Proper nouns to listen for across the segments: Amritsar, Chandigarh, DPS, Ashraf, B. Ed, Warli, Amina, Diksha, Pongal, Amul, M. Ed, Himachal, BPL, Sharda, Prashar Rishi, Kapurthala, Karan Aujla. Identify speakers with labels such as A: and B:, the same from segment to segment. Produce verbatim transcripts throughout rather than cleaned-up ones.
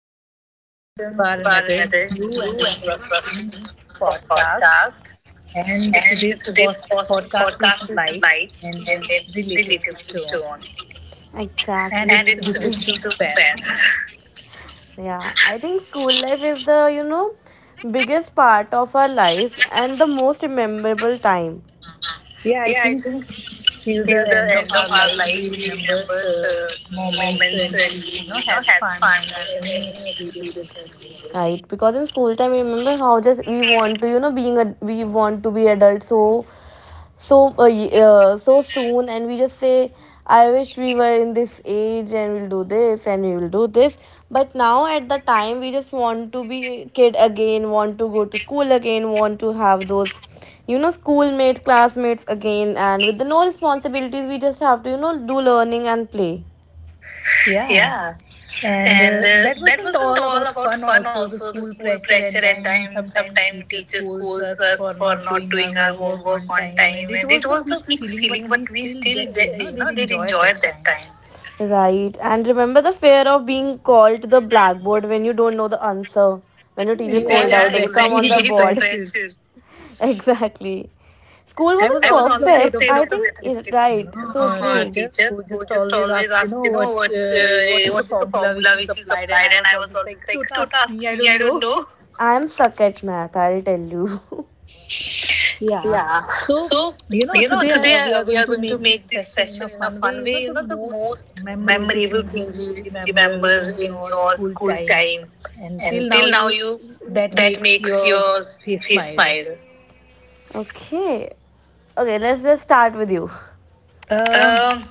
A: everyone,
B: and welcome
A: welcome
B: to our
A: to our
B: another
A: another
B: new
A: new
B: and
A: and
B: interesting
A: interesting
B: podcast.
A: podcast.
B: And today's
A: And
B: pos-
A: today's pos-
B: podcast is light
A: podcast is
B: and
A: light
B: in
A: and then
B: relatable tone,
A: relatable tone,
B: and it's
A: exactly, and
B: written to
A: it's related to
B: parents.
A: pets. Yeah, I think school life is the, you know, biggest part of our life and the most memorable time.
B: Yeah, I
A: Yeah, I
B: think
A: think
B: till
A: till
B: the
A: the
B: end of
A: end of
B: our
A: our
B: life,
A: life,
B: we
A: we
B: remember
A: remember
B: the
A: the
B: moments when
A: moments when
B: we, you
A: we,
B: know,
A: you know,
B: had
A: had
B: fun
A: fun
B: and
A: and
B: any
A: any
B: experience in
A: experiences.
B: school.
A: Right, because in school time, remember how just we want to, you know being a we want to be adult so so uh, uh, so soon. And we just say, I wish we were in this age, and we'll do this and we will do this. But now at the time, we just want to be kid again, want to go to school again, want to have those you know schoolmates, classmates again, and with the no responsibilities, we just have to, you know do learning and play.
B: Yeah.
A: Yeah,
B: And
A: and
B: uh,
A: uh,
B: that
A: that
B: wasn't
A: wasn't
B: all
A: all
B: about
A: about
B: fun.
A: fun,
B: Also, the
A: also the
B: school
A: school
B: pressure
A: pressure
B: and
A: at
B: time.
A: time.
B: Sometimes
A: Sometimes
B: teachers
A: teachers
B: scolds
A: scolds
B: us
A: us
B: for
A: for
B: not
A: not
B: doing our
A: doing our
B: homework
A: homework
B: on
A: on
B: time, and
A: time,
B: it
A: and
B: was
A: it
B: the
A: was the
B: mixed
A: mixed
B: feeling. But
A: feeling,
B: we
A: but we
B: still,
A: still
B: de- you
A: de-
B: know,
A: you
B: did
A: know did
B: enjoy
A: enjoy
B: that
A: that
B: time.
A: time. Right. And remember the fear of being called to the blackboard when you don't know the answer. When your teacher called,
B: Yeah,
A: yeah, out, okay, come on
B: exactly.
A: the,
B: The
A: exactly, the board.
B: pressure.
A: Pressure. Exactly. School
B: I was
A: wasn't I was
B: always
A: always
B: afraid
A: perfect.
B: of
A: Afraid
B: the
A: I of the think, mathematics it,
B: mathematics, you
A: right, you know,
B: know,
A: so know,
B: uh,
A: uh, true.
B: teacher
A: Teacher
B: who
A: who
B: just
A: just
B: always
A: always
B: asked, you
A: asked,
B: know,
A: you know,
B: what
A: what
B: uh, what
A: uh,
B: is the
A: what is the
B: formula which
A: formula
B: is
A: which is
B: applied, and
A: applied,
B: I
A: and
B: was
A: I was
B: always
A: always
B: like,
A: like,
B: don't
A: don't
B: ask
A: ask
B: me, I
A: me,
B: don't
A: I don't
B: know.
A: know. I'm suck at math, I'll tell you.
B: Yeah.
A: Yeah.
B: So,
A: So,
B: you know,
A: you know,
B: today
A: today
B: uh, we
A: uh,
B: are
A: we
B: going
A: are
B: to
A: going to
B: make this
A: make this
B: session in
A: session
B: a
A: in a
B: fun way.
A: fun
B: You
A: way.
B: know,
A: You
B: the
A: know, the
B: most
A: most
B: memorable
A: memorable
B: things
A: things
B: you
A: you
B: remember
A: remember
B: in
A: in
B: your
A: your
B: school
A: school
B: time
A: time,
B: and till
A: and
B: now
A: till now,
B: you
A: you
B: that
A: that
B: makes
A: makes
B: your
A: your
B: face
A: face
B: smile.
A: smile. Okay. Okay, let's just start with you.
B: Um,
A: Um,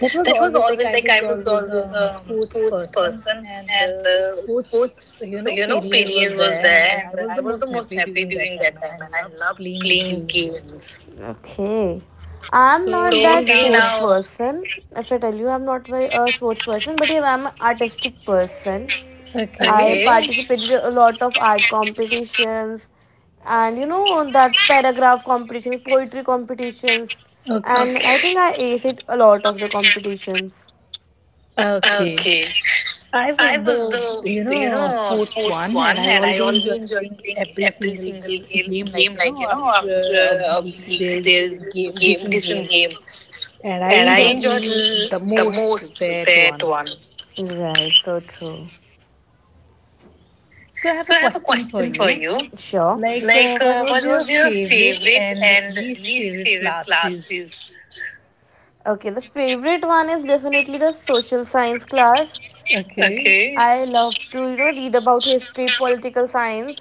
B: that was
A: that was
B: always like
A: always
B: I
A: like I
B: was
A: was
B: always a
A: always
B: um,
A: a
B: sports
A: sports
B: person,
A: person,
B: and
A: and
B: the
A: the
B: sports,
A: sports,
B: you know,
A: you know,
B: period
A: period
B: was
A: was
B: there, and
A: there,
B: I
A: and
B: was
A: I
B: the
A: was the
B: most
A: most
B: happy
A: happy
B: during that
A: during
B: time,
A: that
B: and
A: time.
B: I
A: And I
B: loved
A: loved
B: playing
A: playing
B: games.
A: games. Okay. I'm not,
B: So
A: so
B: till
A: that sports
B: now,
A: now- person. If I tell you, I'm not very- a sports person, but yes, I'm an artistic person. Okay, I,
B: okay,
A: okay, participated in a lot of art competitions, and, you know on that paragraph competition, poetry competitions, and, okay,
B: okay.
A: I think I ace it a lot of the competitions.
B: Okay.
A: Okay.
B: I
A: I
B: was the,
A: was the,
B: you
A: you
B: know,
A: know,
B: sports
A: sports
B: one,
A: one,
B: and I
A: and I
B: always
A: always
B: enjoyed
A: enjoy
B: playing
A: playing
B: every
A: every
B: single
A: single
B: game,
A: game.
B: game. Like,
A: Game,
B: you
A: like,
B: know,
A: you know,
B: after a
A: after a
B: week,
A: week
B: there's
A: there's
B: game,
A: game,
B: different game.
A: different game,
B: And I
A: and I, right,
B: enjoyed
A: enjoyed
B: l-
A: l-
B: the
A: the
B: most
A: most
B: that one.
A: that one. Right. So true.
B: So I have a
A: So I have a
B: question for
A: question for
B: you.
A: you. Sure.
B: Like,
A: Like,
B: uh, what
A: uh,
B: was
A: what
B: your
A: was your
B: favorite
A: favorite
B: and
A: and
B: least
A: least
B: favorite
A: favorite
B: classes?
A: classes? Okay, the favorite one is definitely the social science class.
B: Okay.
A: Okay. I love to, you know, read about history, political science.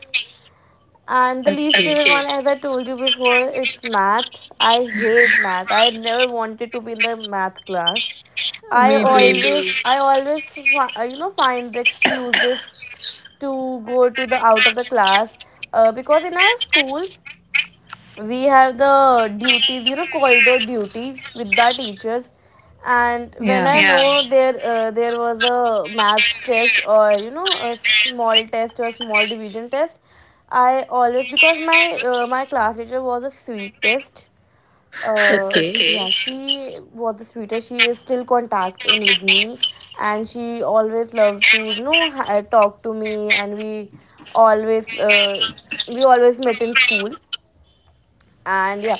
A: And the least, okay,
B: Okay.
A: favorite, okay, one, as I told you before, it's math. I hate math. I never wanted to be in the math class. I,
B: Me
A: me too, always,
B: too.
A: maybe, I always, uh, you know, find the excuses to go to the out of the class, uh, because in our school we have the duties, you know corridor duties with the teachers.
B: Yeah.
A: And when I, yeah, know there uh, there was a maths test, or, you know a small test or small division test. I always, because my uh, my class teacher was a sweet test, uh,
B: Okay.
A: okay, yeah, she was the sweetest. She is still contacting with me, and she always loved to, you know ha- talk to me, and we always uh, we always met in school. And yeah.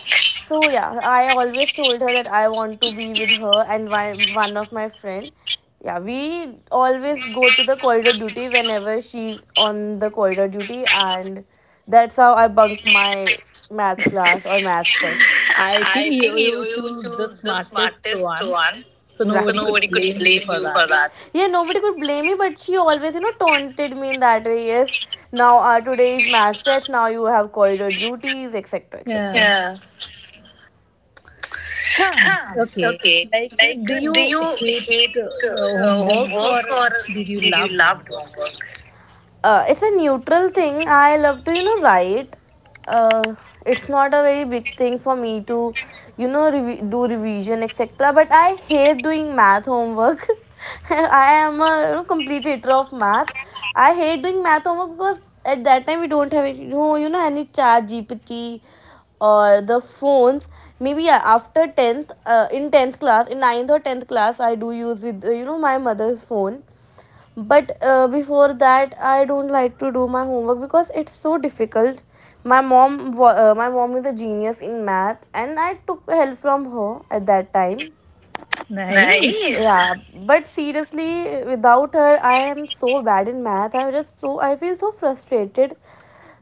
A: So yeah, I always told her that I want to be with her, and one one of my friend. Yeah, we always go to the corridor duty whenever she's on the corridor duty, and that's how I bunk my maths class or maths test.
B: I think
A: I
B: you,
A: think you
B: you
A: you
B: choose the
A: choose the
B: smartest
A: smartest
B: one,
A: one. Exactly,
B: so
A: so, exactly,
B: nobody could
A: nobody could
B: blame you
A: blame
B: for
A: you for
B: that.
A: that. Yeah, nobody could blame me, but she always, you know, taunted me in that way. Yes, now, uh, today is match set, now you have corridor duties, et cetera et cetera.
B: Yeah.
A: Yeah.
B: Huh.
A: Huh.
B: Okay.
A: Okay.
B: Like,
A: Like,
B: do
A: do
B: you
A: you
B: hate
A: hate,
B: uh,
A: uh,
B: homework
A: homework,
B: or
A: or
B: did you
A: did you
B: loved
A: love
B: homework?
A: homework? uh, it's a neutral thing. I love to, you know, write. Uh, it's not a very big thing for me to, you know, revi- do revision, et cetera. But I hate doing math homework. I am a, you know, complete hater of math. I hate doing math homework because at that time we don't have any- you know, you know any chat G P T or the phones. Maybe, yeah, after tenth, uh, in tenth class, in ninth or tenth class, I do use with, uh, you know my mother's phone. But, uh, before that I don't like to do my homework because it's so difficult. My mom wa- uh, my mom is a genius in math, and I took help from her at that time.
B: Nice.
A: Nice. Yeah, but seriously without her I am so bad in math. I just, so, I feel so frustrated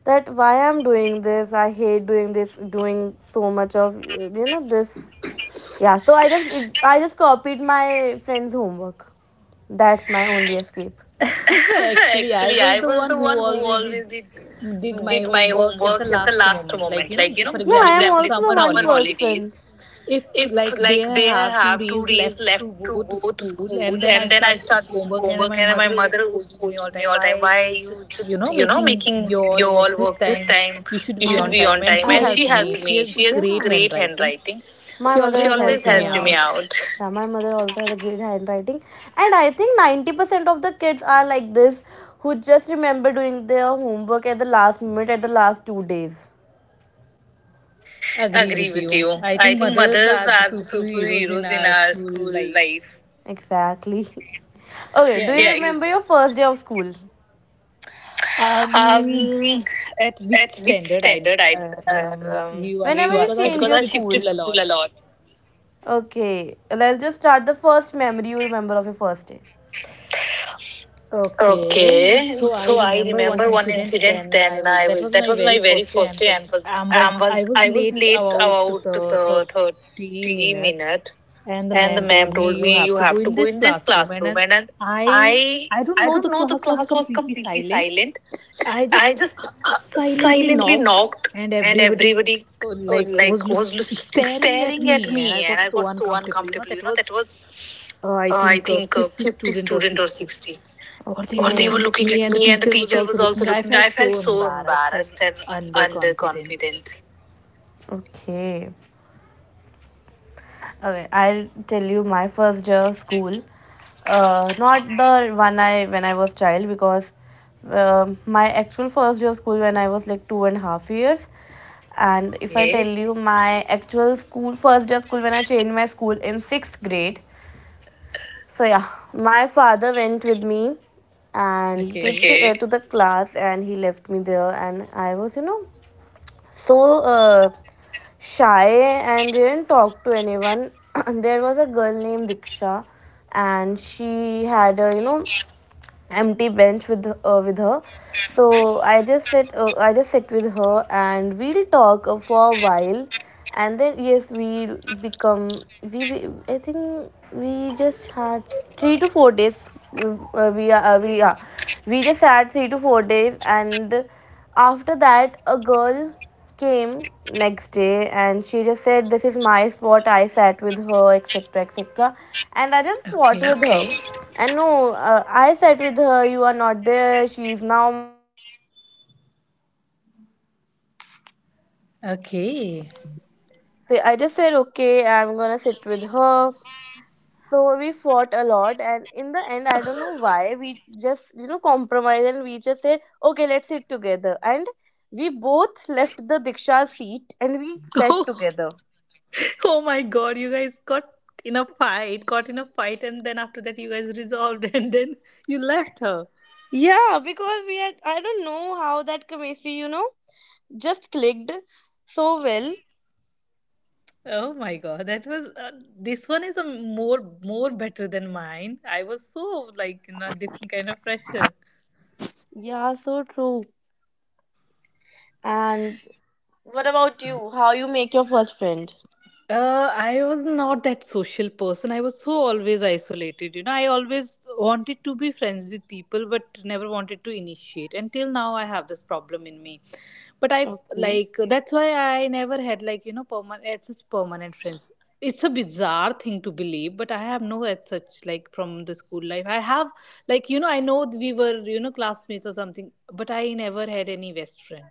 A: that why I'm doing this. I hate doing this, doing so much of, you know this. Yeah, so i just i just copied my friend's homework. That's my only escape.
B: Actually, I
A: Actually,
B: was
A: I
B: the
A: was
B: one
A: the
B: who
A: one who
B: always did
A: always did
B: did my
A: did my
B: homework at the
A: homework at the
B: last
A: last
B: moment. Like,
A: moment.
B: you know,
A: Like, you know,
B: for
A: yeah, for
B: example,
A: I am
B: it's
A: also the
B: summer
A: one person.
B: holidays.
A: Holidays,
B: If
A: if
B: like they
A: like they
B: have two
A: have two
B: days
A: days
B: left to
A: left to
B: go to
A: go to
B: school
A: school,
B: and then I
A: and then I
B: start doing
A: start doing
B: homework and
A: homework,
B: my
A: and my
B: mother was
A: mother was
B: scolding me all
A: scolding me
B: time,
A: all
B: why
A: time. Why
B: you
A: are you
B: just, you know,
A: just, you know,
B: making
A: making
B: you
A: you
B: all work
A: all
B: this
A: work this
B: time?
A: time?
B: You should
A: You
B: be
A: should I-
B: on
A: be on
B: time, and
A: time.
B: she
A: And I, she
B: helped me,
A: helped
B: she
A: me.
B: has
A: She, yeah, has, yeah,
B: great
A: great
B: handwriting,
A: handwriting. My
B: she
A: mother, she
B: always
A: always also,
B: helped me
A: helped uh, me
B: out.
A: out. Yeah, my mother also had a great handwriting, and I think ninety percent of the kids are like this, who just remember doing their homework at the last minute, at the last two days.
B: Agree with
A: Agree
B: you,
A: with you.
B: I think
A: I think
B: mothers are
A: mothers
B: the
A: are the
B: superheroes in
A: superheroes in
B: our
A: our
B: school
A: school
B: life.
A: life. Exactly. Okay,
B: yeah
A: do you,
B: ex-
A: yeah, remember your first day of school?
B: um
A: Um,
B: at which
A: at which
B: standard i
A: standard I, uh,
B: um,
A: um,
B: you asking
A: whenever you you
B: because
A: asked
B: I've
A: change because your I
B: shifted school
A: shifted
B: a
A: school,
B: lot.
A: school a lot. Okay, let's just start the first memory you remember of your first day.
B: Okay,
A: Okay,
B: so I
A: so I
B: remember one
A: remember one
B: incident.
A: incident.
B: Then I
A: Then
B: was
A: I
B: that
A: was
B: was my
A: that was
B: very
A: my very
B: first day, and
A: first day,
B: was
A: and was
B: um, was
A: um,
B: I
A: was
B: was
A: I was
B: late
A: late
B: about
A: about
B: the
A: the
B: thirty
A: thirty
B: minute,
A: minute,
B: and the
A: and the
B: ma'am told
A: ma'am
B: me
A: told
B: you
A: me
B: have
A: you
B: to go
A: have
B: in
A: to go
B: this
A: in this
B: classroom, and
A: classroom,
B: and
A: and, and
B: I
A: I
B: I don't
A: I
B: know
A: don't
B: the
A: know the
B: class was
A: class was
B: completely
A: completely
B: silent.
A: silent.
B: I
A: I
B: just uh,
A: just, uh,
B: silently
A: silently
B: knocked,
A: knocked,
B: and
A: and
B: everybody
A: everybody,
B: uh,
A: uh,
B: like was
A: like, was
B: lo-
A: look-
B: staring at
A: staring
B: me,
A: at me,
B: and I
A: and
B: got
A: I
B: so
A: got so
B: uncomfortable. You know
A: uncomfortable.
B: that
A: You know
B: was
A: that was,
B: uh, I
A: uh, I
B: think uh,
A: think, uh,
B: fifty
A: fifty
B: student or
A: student or
B: sixty
A: sixty,
B: or
A: okay,
B: they
A: or
B: were
A: they, okay, were
B: looking at
A: looking
B: me
A: at
B: and the
A: me, and the
B: teacher was
A: teacher
B: also
A: was also
B: looking, I
A: looking.
B: felt
A: I
B: so
A: felt so
B: embarrassed and
A: embarrassed and
B: underconfident.
A: underconfident. Okay. Okay. I'll tell you my first day of school. Uh, not the one I when I was child, because, uh, my actual first day of school when I was like two and a half years. And if I tell,
B: Okay.
A: okay, you my actual school first day of school when I changed my school in sixth grade, so yeah, my father went with me, and to,
B: Okay.
A: Okay. to, uh, to the class, and he left me there, and I was, you know, so, uh, shy and didn't talk to anyone. There was a girl named Diksha, and she had a, you know empty bench with uh, with her. So I just sit uh, I just sit with her, and we'll talk, uh, for a while, and then yes we become we I think we just had three to four days. Uh, we are uh, we are we just had three to four days, and after that, a girl came next day, and she just said, This is my spot, I sat with her, et cetera et cetera. And I just
B: Okay.
A: fought with her. Okay. And no, uh, I sat with her, you are not there, she is now
B: Okay.
C: So I just said, okay, I'm gonna sit with her. So we fought a lot, and in the end, I don't know why we just you know compromised, and we just said, okay, let's sit together. And we both left the Diksha seat and we sat
B: Oh.
C: together.
B: Oh my god, you guys got in a fight, got in a fight, and then after that, you guys resolved, and then you left her.
C: Yeah, because we had I don't know how that chemistry you know just clicked so well.
B: Oh my god, that was uh, this one is a more more better than mine. I was so like in a different kind of pressure.
C: Yeah, so true. And what about you? How you make your first friend?
B: Uh, I was not that social person. I was so always isolated. You know, I always wanted to be friends with people, but never wanted to initiate. Until now, I have this problem in me. But I f-
C: Okay.
B: like that's why I never had like you know permanent such permanent friends. It's a bizarre thing to believe, but I have no as such like from the school life. I have like you know I know we were you know classmates or something, but I never had any best friend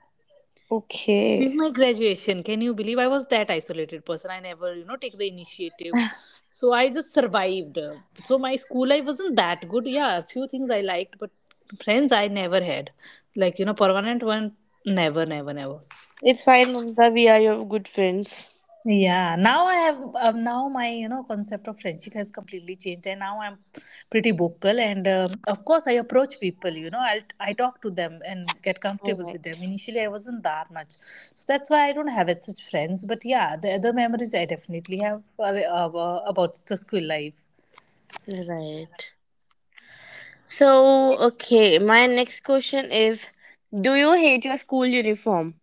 B: till
C: Okay.
B: my graduation. Can you believe I was that isolated person? I never, you know, take the initiative, so I just survived. So my school life wasn't that good. Yeah, a few things I liked, but friends I never had, like you know, permanent one, never, never, never.
C: It's fine, Mumta. We are your good friends.
B: Yeah, now I have um, now my, you know, concept of friendship has completely changed, and now I'm pretty vocal. And um, of course, I approach people. You know, I'll I talk to them and get
C: All
B: comfortable
C: right.
B: with them. Initially, I wasn't that much, so that's why I don't have it such friends. But yeah, the other memories I definitely have are, uh, uh, about the school life.
C: Right. So, okay, my next question is, do you hate your school uniform?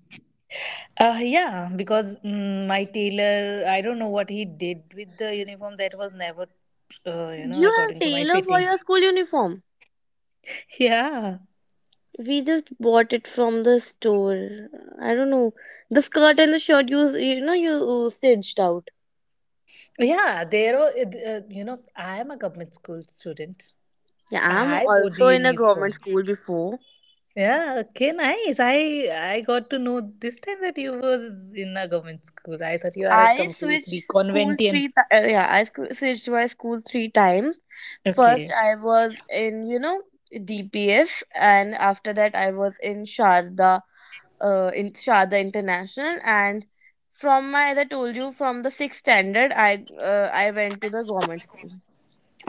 B: Uh, yeah, because mm, my tailor, I don't know what he did with the uniform that was never, uh, you
C: Do
B: know,
C: you have
B: according to my
C: tailor for
B: fitting.
C: your school uniform?
B: Yeah.
C: We just bought it from the store. I don't know. The skirt and the shirt you you know you stitched out.
B: Yeah, they're all, uh, you know, I am a government school student.
C: Yeah, I'm
B: I wore the
C: also in a government
B: uniform.
C: school before.
B: Yeah, okay, nice. I I got to know this time that you was in a government school. I thought you are a
C: I
B: completely
C: switched school
B: conventian.
C: three. Th- uh, yeah, I squ- switched my school three times. First,
B: Okay.
C: I was in you know D P S, and after that, I was in Sharda, uh, in Sharda International, and from my as I told you, from the sixth standard, I uh, I went to the government school.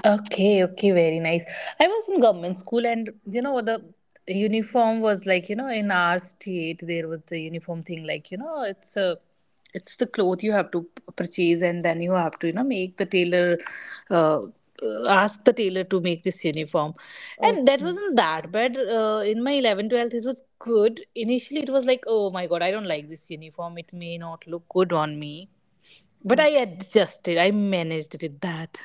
B: Okay, okay, very nice. I was in government school, and you know the uniform was like you know in our state there was the uniform thing, like you know it's a it's the cloth you have to p- purchase and then you have to, you know, make the tailor uh, uh, ask the tailor to make this uniform. And that
C: Okay.
B: wasn't that bad, uh, in my eleventh twelfth it was good. Initially it was like, oh my god, I don't like this uniform, it may not look good on me, but I
C: Okay.
B: adjusted, I managed with that.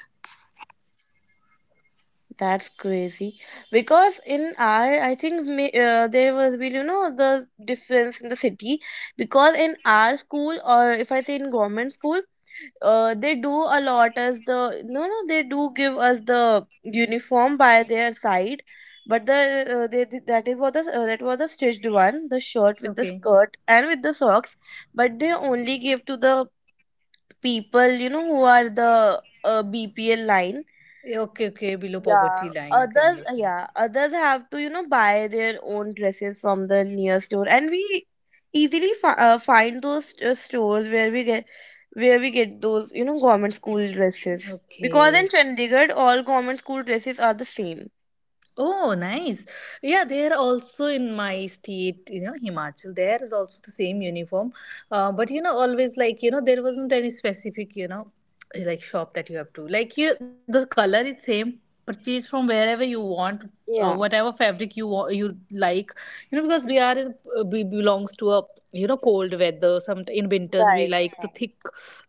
C: That's crazy, because in our I think ma- uh, there was been you know the difference in the city, because in our school, or if I say in government school, uh, they do a lot, as the no no they do give us the uniform by their side. But the uh, they, they- that is what the uh, that was the stitched one, the shirt with the
B: Okay.
C: skirt and with the socks. But they only give to the people you know who are the uh, B P L line.
B: Yeah, okay, okay, below
C: Yeah,
B: poverty line. Okay,
C: others, uh,
B: understand.
C: yeah, others have to, you know, buy their own dresses from the near store, and we easily fi uh, find those uh, stores where we get where we get those, you know, government school dresses. Because in
B: Okay.
C: Chandigarh, all government school dresses are the same.
B: Oh, nice. Yeah, there also in my state, you know, Himachal, there is also the same uniform. Uh, but you know, always like you know, there wasn't any specific, you know, like shop that you have to like. You the color is same. Purchase from wherever you want. Uh,
C: Yeah.
B: whatever fabric you want, you like, you know, because we are in, uh, we belongs to a you know cold weather. Some in winters we
C: Right,
B: like the
C: right.
B: thick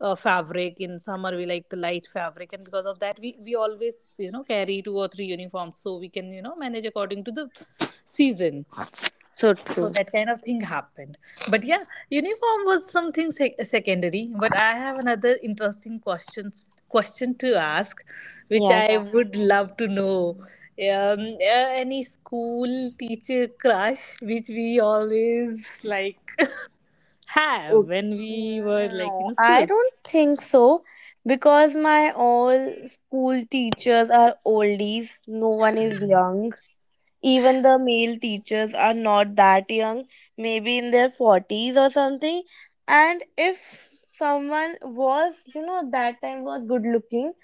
B: uh, fabric, in summer we like the light fabric, and because of that we we always, you know, carry two or three uniforms so we can, you know, manage according to the season,
C: So
B: so
C: true.
B: that kind of thing happened. But yeah, uniform was something sec- secondary. But I have another interesting questions question to ask, which
C: Yeah,
B: I
C: sure.
B: would love to know. Um, uh, any school teacher crush which we always like have
C: Okay.
B: when we were
C: mm,
B: like
C: No,
B: in
C: I
B: school.
C: don't think so, because my all school teachers are oldies. No one is young. Even the male teachers are not that young, maybe in their forties or something. And if someone was, you know, that time was good looking,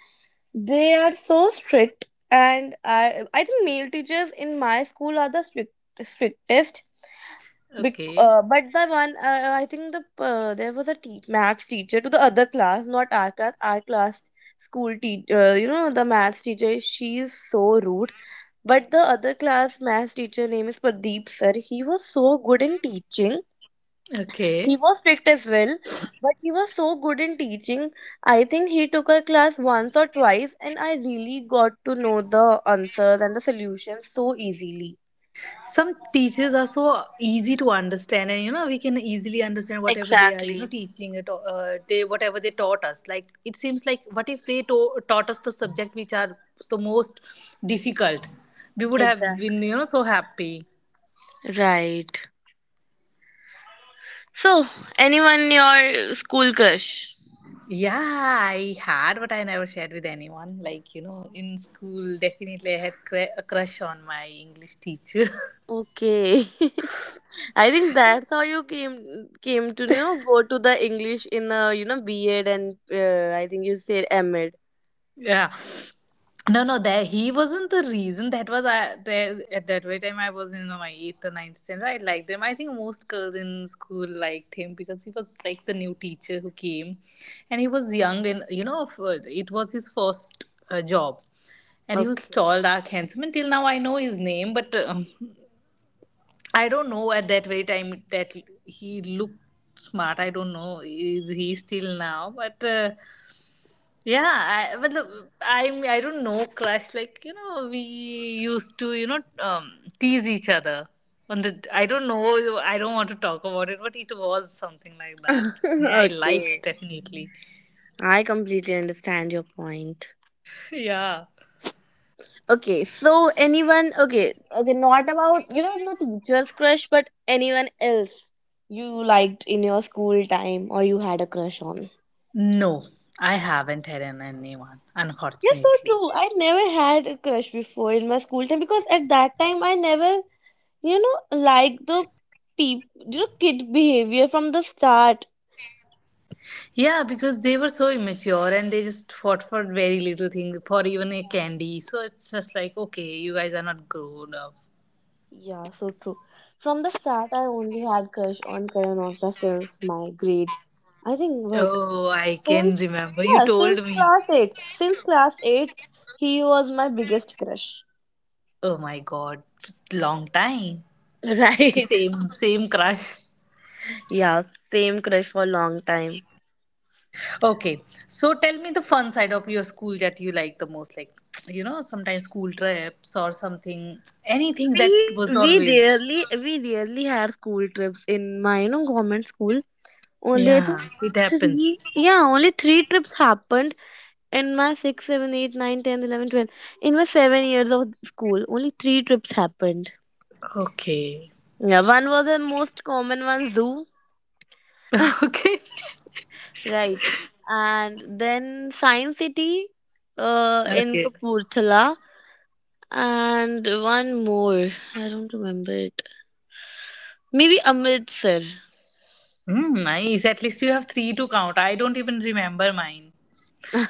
C: they are so strict. And I, I think male teachers in my school are the strict, strictest. Bec-
B: Okay.
C: uh, but the one uh, I think the uh, there was a te- maths teacher to the other class, not our class. Our class school teacher, uh, you know, the maths teacher. She is so rude. But the other class math teacher name is Pradeep sir. He was so good in teaching. He
B: Okay.
C: was strict as well, but he was so good in teaching. I think he took our class once or twice, and I really got to know the answers and the solutions so easily.
B: Some teachers are so easy to understand, and you know we can easily understand whatever they are, you know,
C: Exactly.
B: teaching it. Uh, they whatever they taught us. Like it seems like what if they to- taught us the subject which are the most difficult? We would have been,
C: Exactly.
B: you know, so happy.
C: Right. So, anyone your school crush?
B: Yeah, I had, but I never shared with anyone. Like you know, in school, definitely I had cra- a crush on my English teacher.
C: Okay. I think that's how you came came to you know go to the English in uh, you know B. Ed, and uh, I think you said M. Ed.
B: Yeah, no, no, there he wasn't the reason. That was I there at that very time I was in my eighth or ninth standard. I liked him, I think most girls in school liked him because he was like the new teacher who came, and he was young, and you know, f- it was his first uh, job, and he was
C: Okay.
B: tall, dark, handsome, and till now I know his name, but um, I don't know at that very time that he looked smart, I don't know is he still now. But uh, yeah, I, but the, I'm I don't know crush like you know we used to, you know, um, tease each other on the I don't know, I don't want to talk about it, but it was something like that. Yeah, I liked
C: Okay.
B: definitely.
C: I completely understand your point.
B: Yeah.
C: Okay, so anyone okay, okay, not about you know the teacher's crush, but anyone else you liked in your school time, or you had a crush on.
B: No, I haven't had an anyone,
C: Yes, so
B: unfortunately.
C: true. I never had a crush before in my school time because at that time I never You know, like the peop you know, kid behavior from the start.
B: Yeah, because they were so immature and they just fought for very little thing, for even a
C: Yeah,
B: candy. So it's just like, okay, you guys are not grown up.
C: yeah, so true. From the start, I only had crush on Karan Aujla since my grade. I think what
B: Oh, I can
C: since
B: remember, you
C: yeah
B: told
C: since
B: me.
C: class eighth. Since class eighth, he was my biggest crush.
B: Oh my god, it's long time. The
C: Right.
B: same same crush.
C: Yeah, same crush for a long time.
B: Okay, so tell me the fun side of your school that you like the most. Like you know, sometimes school trips or something, anything
C: we
B: that was
C: we
B: always.
C: rarely we rarely had school trips in my you know government school, only I
B: Yeah,
C: think
B: it
C: three.
B: happens.
C: Yeah, only three trips happened in my six seven eight nine ten eleven twelve, in my seven years of school only three trips happened.
B: Okay,
C: Yeah, one was the most common one, zoo.
B: okay,
C: Right, and then science city, uh in
B: okay.
C: Kapurthala. And one more, I don't remember it, maybe Amritsar.
B: Mm, nice. At least you have three to count. I don't even remember mine.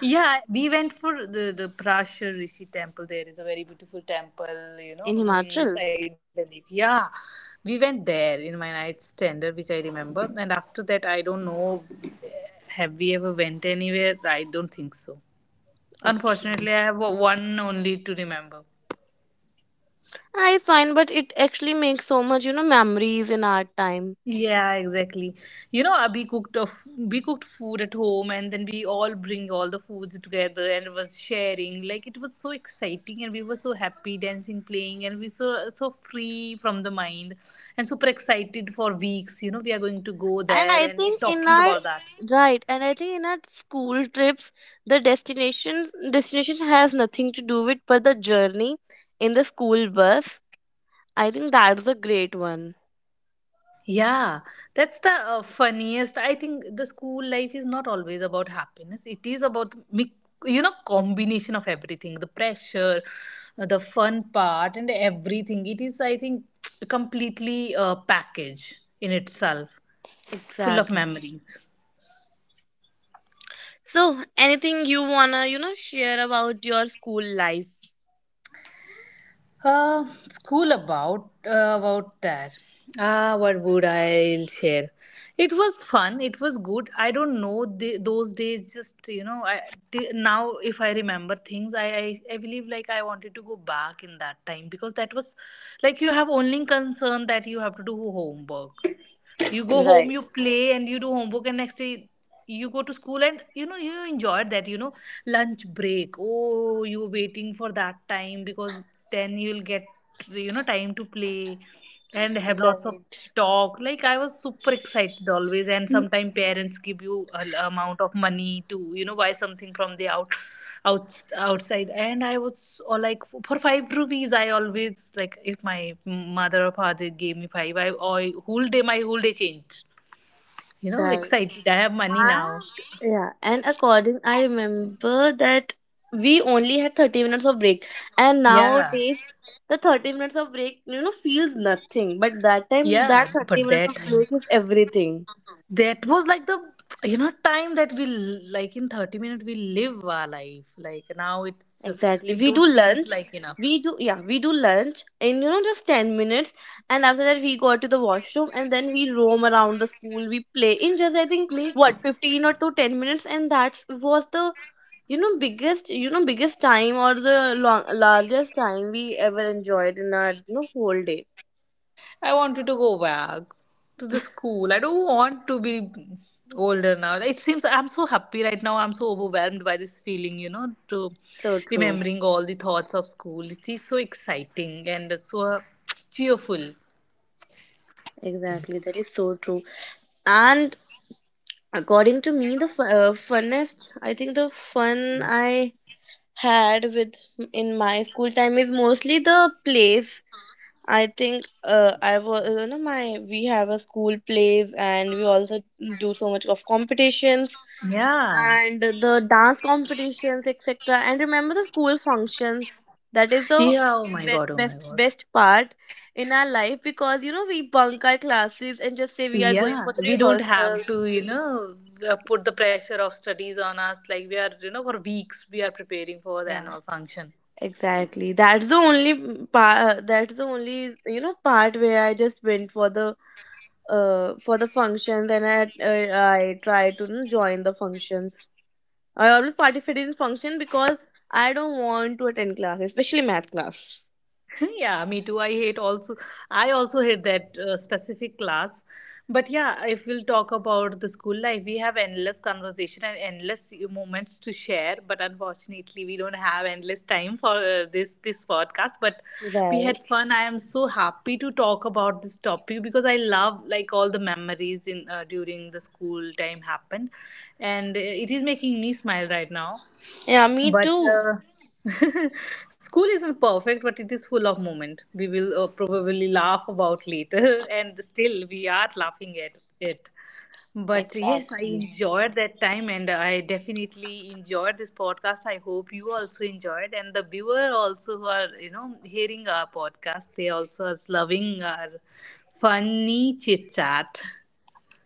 B: Yeah, we went for the the Prashar Rishi temple. There is a very beautiful temple, you know,
C: In
B: mm,
C: Himachal?
B: beside the lake. Yeah, we went there in my night's tender, which I remember. And after that, I don't know, have we ever went anywhere? I don't think so.
C: Okay.
B: Unfortunately, I have one only to remember.
C: Ah, it's fine, but it actually makes so much, you know, memories in our time.
B: Yeah, exactly. You know, uh, we cooked of we cooked food at home, and then we all bring all the foods together and was sharing. Like it was so exciting, and we were so happy dancing, playing, and we so so free from the mind, and super excited for weeks. You know, we are going to go
C: And
B: there
C: I
B: and
C: think in
B: talking
C: our
B: about that.
C: Right, and I think in our school trips, the destination destination has nothing to do with, but the journey in the school bus. I think that's a great one.
B: Yeah, that's the uh, funniest. I think the school life is not always about happiness. It is about mix, you know, combination of everything, the pressure, uh, the fun part, and everything. It is, I think, completely a package in itself, full of
C: Exactly.
B: memories.
C: So, anything you wanna, you know, share about your school life?
B: Uh, school about uh, about that. Ah, what would I share? It was fun. It was good. I don't know the, those days. Just you know, I t- now if I remember things, I, I I believe like I wanted to go back in that time because that was like you have only concern that you have to do homework. You go home, you play, and you do homework, and next day you go to school, and you know, you enjoyed that. You know, lunch break, oh, you were waiting for that time because then you'll get, you know, time to play and have lots of
C: Right.
B: talk. Like I was super excited always, and sometimes parents give you a l- amount of money to, you know, buy something from the out outs- outside. And I was, or like for five rupees, I always like if my mother or father gave me five, i I- whole day, my whole day changed. You know,
C: Right.
B: excited, I have money now.
C: And yeah, and according I remember that we only had thirty minutes of break. And
B: Yeah.
C: nowadays, the thirty minutes of break you know feels nothing. But that time,
B: yeah
C: that thirty
B: but
C: minutes
B: that
C: of
B: time,
C: break is everything.
B: that was like the you know, time that we l- like in thirty minutes we live our life. Like now it's just,
C: Exactly.
B: it
C: We
B: don't
C: do
B: seems
C: lunch.
B: like enough
C: We do Yeah, we do lunch in you know just ten minutes, and after that we go to the washroom, and then we roam around the school. We play in just I think
B: play.
C: what fifteen or to ten minutes, and that was the you know biggest you know biggest time, or the long, largest time we ever enjoyed in our you know whole day.
B: I wanted to go back to the school. I don't want to be older now. It seems I'm so happy right now. I'm so overwhelmed by this feeling, you know, to
C: So true.
B: remembering all the thoughts of school. It is so exciting and so cheerful.
C: Exactly. That is so true. And according to me, the fu- uh, funnest, I think the fun I had with in my school time, is mostly the plays. I think uh, I was you know my we have a school plays, and we also do so much of competitions,
B: Yeah.
C: and the dance competitions, et cetera. And remember the school functions. That is the
B: Yeah. Oh my
C: be-
B: God. Oh my
C: best
B: God.
C: best part in our life because you know we bunk our classes and just say we are going
B: Yeah.
C: for the
B: We don't have to,
C: rehearsals.
B: you know, uh, put the pressure of studies on us. Like we are, you know, for weeks we are preparing for the
C: Yeah.
B: annual function.
C: Exactly. That's the only part. That's the only you know part where I just went for the uh for the functions, and I uh, I try to, you know, join the functions. I always participate in function because I don't want to attend class, especially math class.
B: Yeah, me too, I hate also. I also hate that uh, specific class. But yeah, if we'll talk about the school life, we have endless conversation and endless moments to share, but unfortunately we don't have endless time for uh, this this podcast. But we had
C: Right.
B: fun. I am so happy to talk about this topic because I love like all the memories in uh, during the school time happened, and uh, it is making me smile right now.
C: Yeah, me
B: But
C: too.
B: uh, school isn't perfect, but it is full of moment we will uh, probably laugh about later. And still we are laughing at it. But yes, I
C: Exactly.
B: enjoyed that time, and I definitely enjoyed this podcast. I hope you also enjoyed, and the viewer also, who are, you know, hearing our podcast, they also are loving our funny chit chat.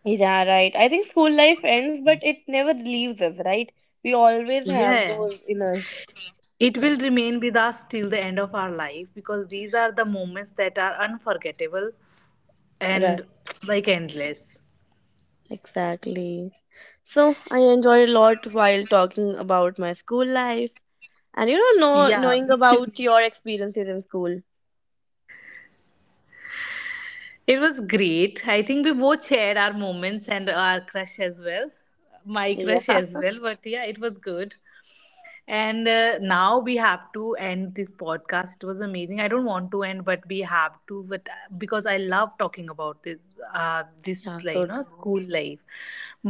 C: Yeah, right. I think school life ends, but it never leaves us, right? We always have
B: Yeah.
C: those in us.
B: It will remain with us till the end of our life, because these are the moments that are unforgettable
C: Right.
B: and like endless.
C: Exactly. So I enjoyed a lot while talking about my school life and, you know, know
B: Yeah,
C: knowing
B: me too.
C: about your experiences in school.
B: It was great. I think we both shared our moments and our crush as well. My
C: Yeah.
B: crush as well, but yeah, it was good. And uh, now we have to end this podcast. It was amazing. I don't want to end, but we have to, but uh, because I love talking about about this uh, this,
C: Yeah,
B: like,
C: so
B: you know,
C: true.
B: school life.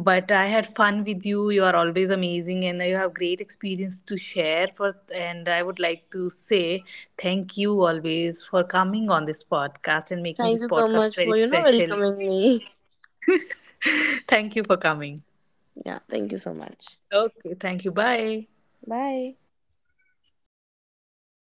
B: But I had fun with you. You are always amazing, and you have great experience to share for. And I would like to say thank you always for coming on this podcast and making
C: Thank
B: this
C: you so
B: podcast
C: much
B: very
C: for, you know,
B: special.
C: welcoming me.
B: Thank you for coming.
C: Yeah, thank you so much.
B: Okay, thank you, bye.
C: Bye.